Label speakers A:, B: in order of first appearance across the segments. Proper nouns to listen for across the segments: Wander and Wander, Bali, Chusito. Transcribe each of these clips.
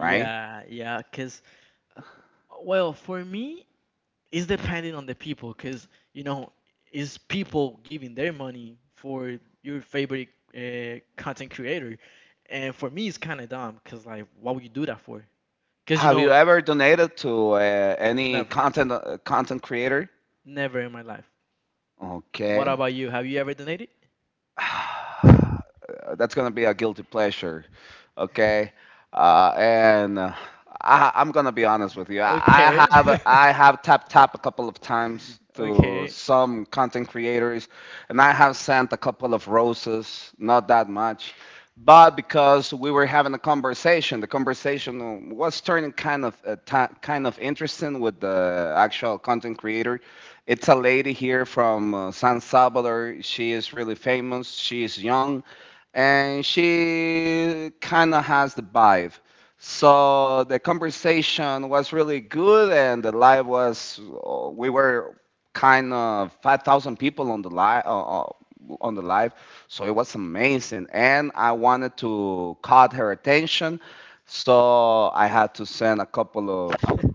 A: Yeah, yeah. Because, well, for me, it's depending on the people, because, you know, is people giving their money for your favorite content creator? And for me, it's kind of dumb, because, like, why would you do that for? Because, you know, never, never in my life. What about you? Have you ever donated? Okay. Okay,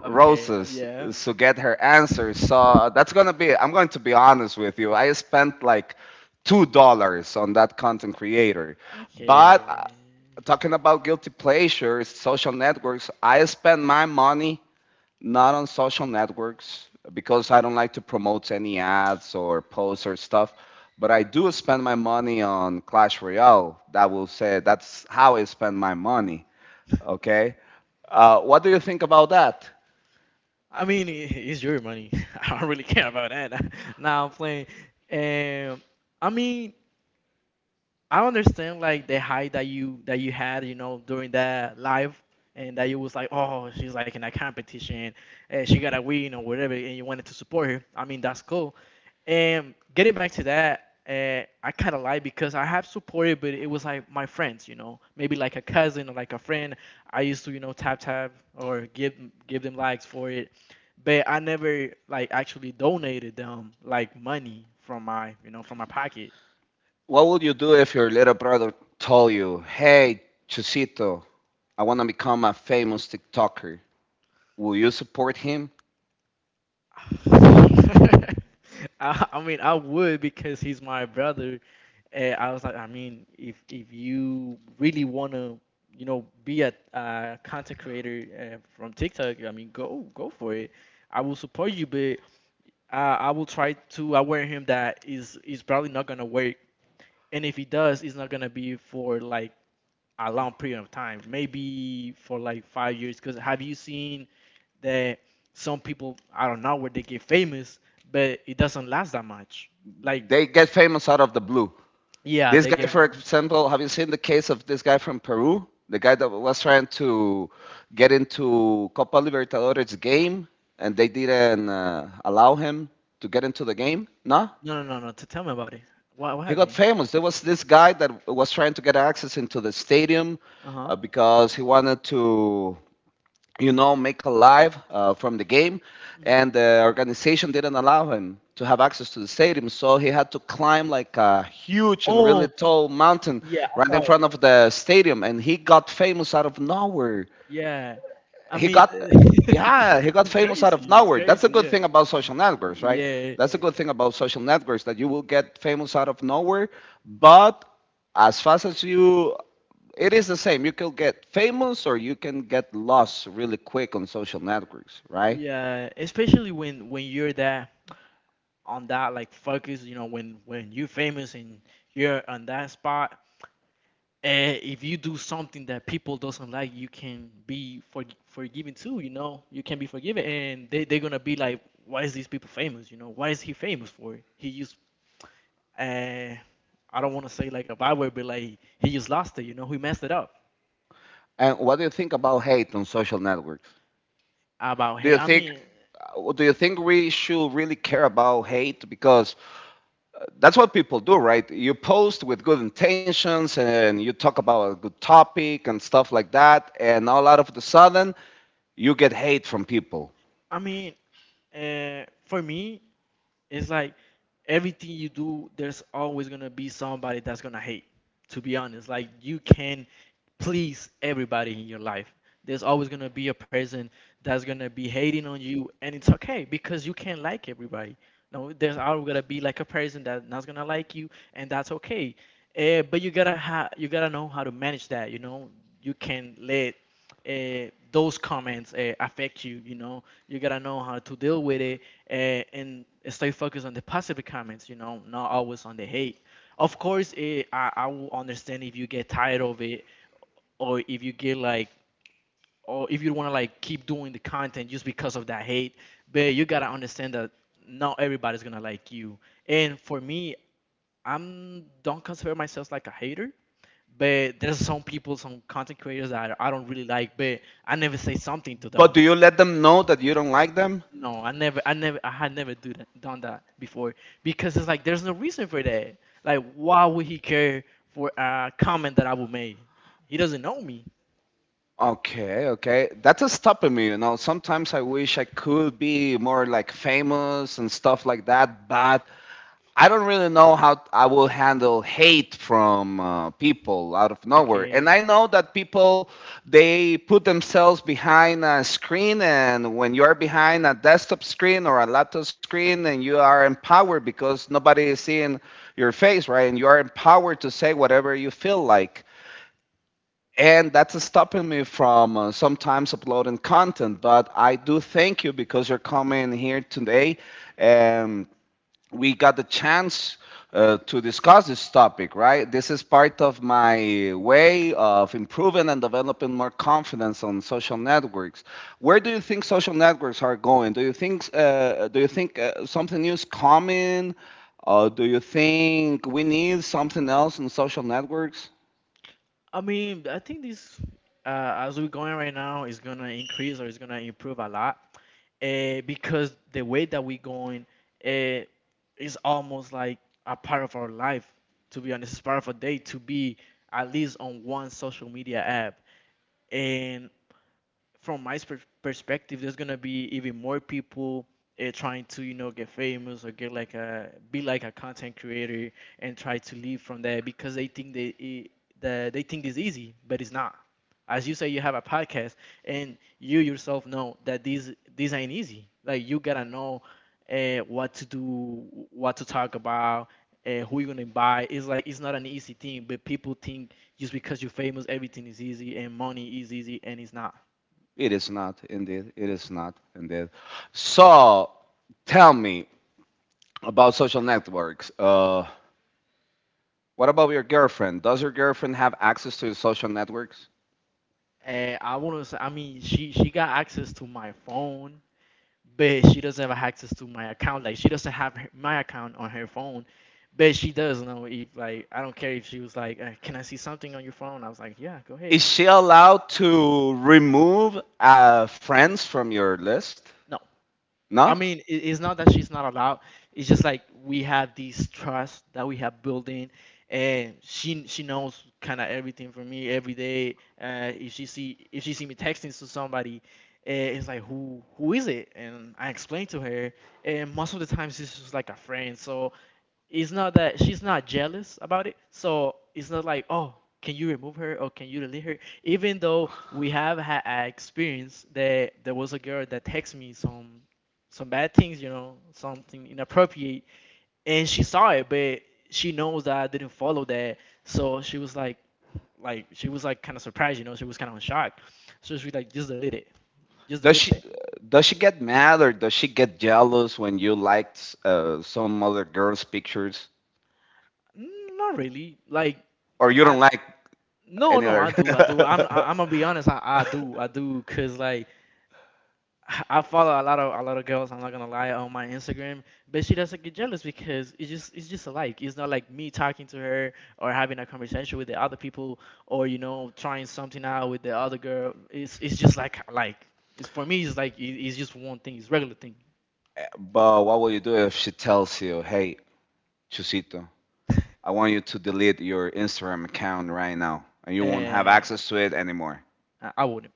A: okay, yeah. Okay. I mean, it's your money. I don't really care about that. Now I'm playing. Um, I mean, I understand like the high that you had, you know, during that live, and that you was like, oh, she's like in a competition, and she got a win or whatever, and you wanted to support her. I mean, that's cool. And getting back to that, I kind of lied because I have supported, but it was like my friends, you know, maybe like a cousin or like a friend. I used to, you know, tap tap or give them likes for it, but I never like actually donated them like money from my, you know, from my pocket. I mean, I would because he's my brother. I was like, I mean, if you really want to, you know, be a content creator from TikTok, I mean, go for it. I will support you, but I will try to aware him that is probably not gonna work, and if he does, it's not gonna be for like a long period of time, maybe for like 5 years. Because have you seen that some people I don't know where they get famous, but it doesn't last that much. Like yeah, they get no. To tell me about it. What happened? Uh huh. Mhm. Oh, yeah, I saw it. Yeah. I mean, it's crazy. It's crazy. Yeah. Yeah. Yeah, especially when you're there on that like focus, you know, when you're famous and you're on that spot, eh, if you do something that people doesn't like, you can be forgiven too, you know, you can be forgiven, and they're gonna be like, why is these people famous? You know, why is he famous for? He used uh, I don't want to say like a bad word, but like he just lost it. You know, he messed it up. About hey, I mean, for me, it's like everything you do, there's always gonna be somebody that's gonna hate. To be honest, like you can please everybody in your life. There's always gonna be a person that's gonna be hating on you, and it's okay because you can't like everybody. No, there's always gonna be like a person that's not gonna like you, and that's okay. But you gotta you gotta know how to manage that. You know, you can let those comments affect you. You know, you gotta know how to deal with it and, and stay focused on the positive comments, you know, not always on the hate. Of course, it, I will understand if you get tired of it or if you get like, or if you want to like keep doing the content just because of that hate. But you got to understand that not everybody's going to like you. And for me, I'm don't consider myself like a hater. But there's some people, some content creators that I don't really like, but I never say something to them. No, I never, I had never do that, done that before because it's like there's no reason for that. Like, why would he care for a comment that I would make? He doesn't know me. Okay. I mean, I think this, as we're going right now, is gonna increase or is gonna improve a lot, because the way that we're going, uh, is almost like a part of our life. To be honest, it's part of our day to be at least on one social media app, and from my perspective, there's gonna be even more people trying to, you know, get famous or get like a be like a content creator and try to live from that because they think they think it's easy, but it's not. As you say, you have a podcast, and you yourself know that these ain't easy. Like you gotta know what to do, what to talk about, who you're gonna buy. It's like it's not an easy thing, but people think just because you're famous, everything is easy and money is easy, and it's not. And I want to say, I mean, she got access to my phone, but she doesn't have access to my account. Like she doesn't have my account on her phone, but she does know if like I don't care if she was like, "Can I see something on your phone?" I was like, "Yeah, go ahead." Is she allowed to? I mean, it's not that she's not allowed. It's just like we have this trust that we have built in, and she knows kind of everything from me every day. If she see if she see me texting to somebody, it's like who is it? And I explain to her, and most of the time she's just like a friend. So it's not that she's not jealous about it. So it's not like, oh, can you remove her or can you delete her? Even though we have had an experience that there was a girl that texted me some bad things, you know, something inappropriate, and she saw it, but she knows that I didn't follow that. So she was like she was like kind of surprised, you know, she was kind of in shock. So she was like, just delete it, just delete it. Mm, not really, like I. No, no, I do, I do. I'm gonna be honest. I do, I do, cause like I follow a lot of girls. I'm not gonna lie on my Instagram, but she doesn't get jealous because it's just alike. It's not like me talking to her or having a conversation with the other people or, you know, trying something out with the other girl. It's just like it's for me. It's like it's just one thing. It's regular thing, and I wouldn't.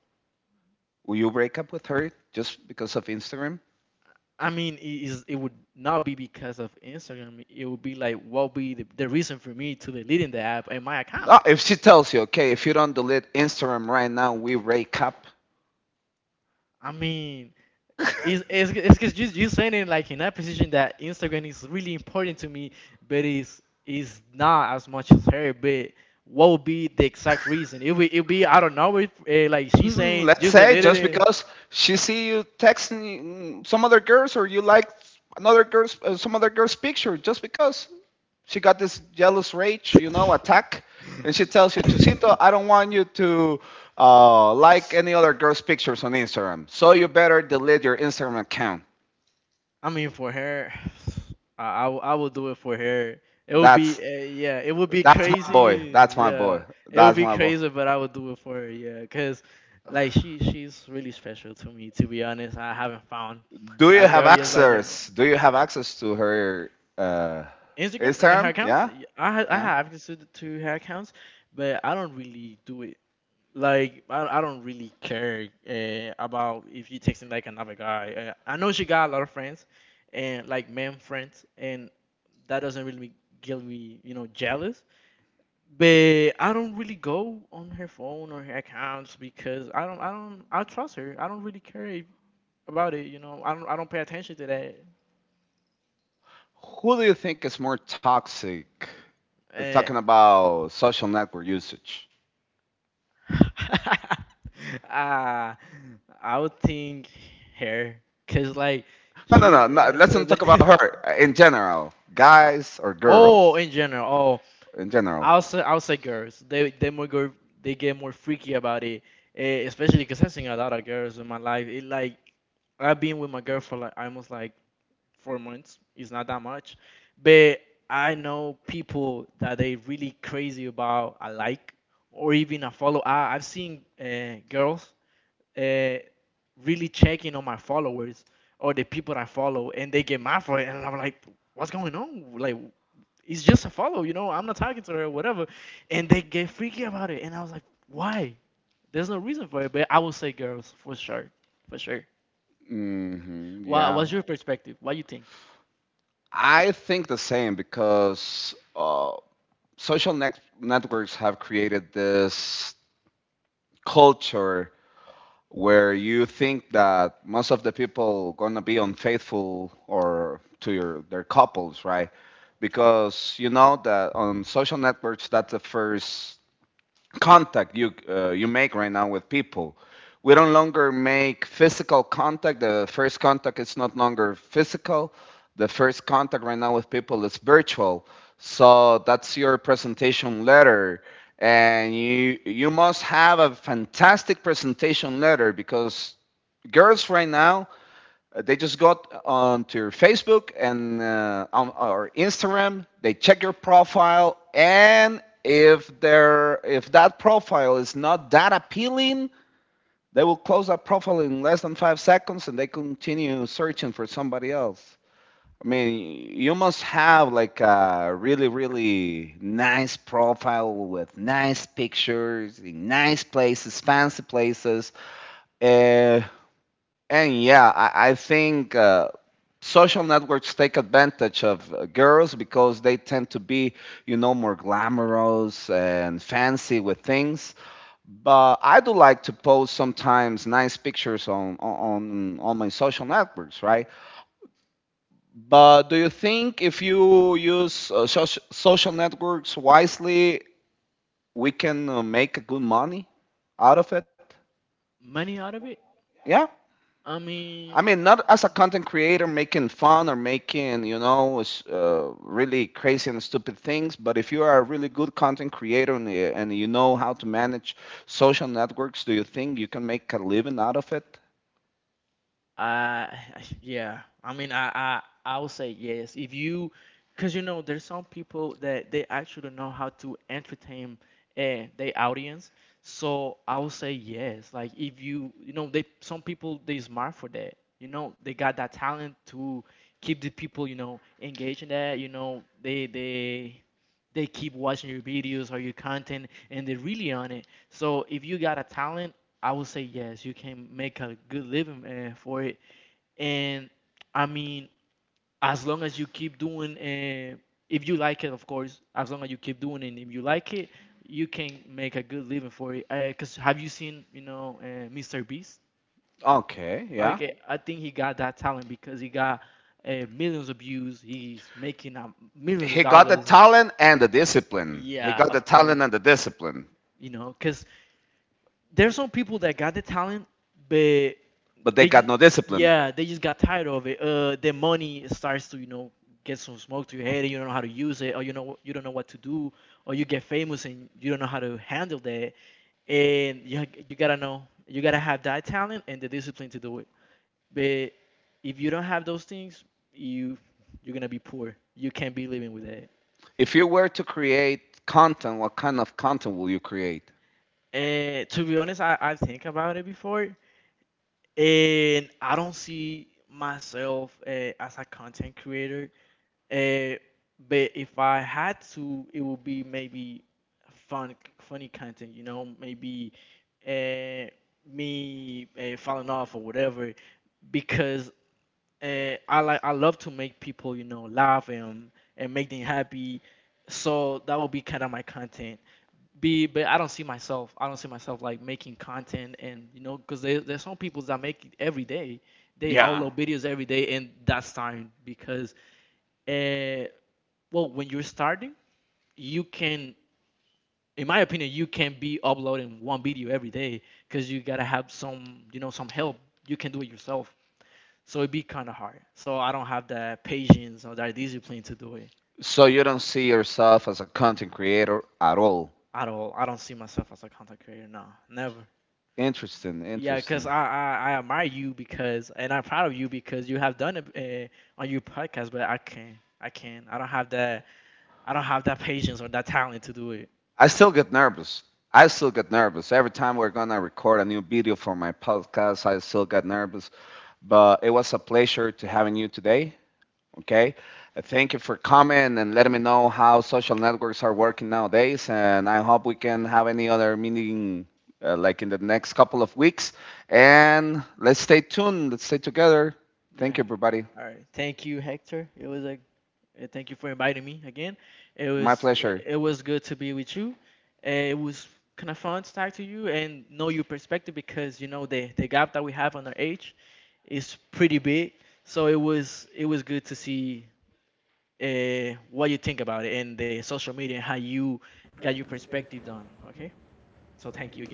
A: I mean, it would not be because of Instagram. It would be like what be the reason for me to deleting the app and my account. I mean, it's because you saying it like in that position that Instagram is really important to me, but it's is not as much as her. But what would be the exact reason? It would it be I don't know if like she's saying just deleted it. I mean, for her, I will do it for her. It would be yeah, it would be crazy. Yeah, it would be crazy, but I would do it for her. Yeah, cause like she's really special to me. To be honest, I haven't found a girl just like her. Instagram and her accounts. Yeah, I have considered to her accounts, but I don't really do it like I don't really care about if you texting like another guy. I know she got a lot of friends, and like man friends, and that doesn't really get me, you know, jealous. But I don't really go on her phone or her accounts because I trust her. I don't really care if, about it. You know, I don't pay attention to that. Uh, I would think hair, cause like she. The oh, in general. Oh, I will say girls. They more go they get more freaky about it. Eh, especially cause I've seen a lot of girls in my life. It like I've been with my girl for like almost like 4 months. It's not that much, but I know people that they really crazy about a like or even a follow. I've seen girls uh, really checking on my followers or the people I follow, and they get mad for it, and I'm like, what's going on? Like, it's just a follow, you know. I'm not talking to her or whatever, and they get freaky about it, and I was like, why? There's no reason for it, but I will say girls for sure, for sure. What's your perspective? What you think?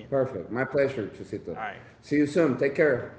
B: Perfect. My pleasure, Chusito. See you soon. Take care.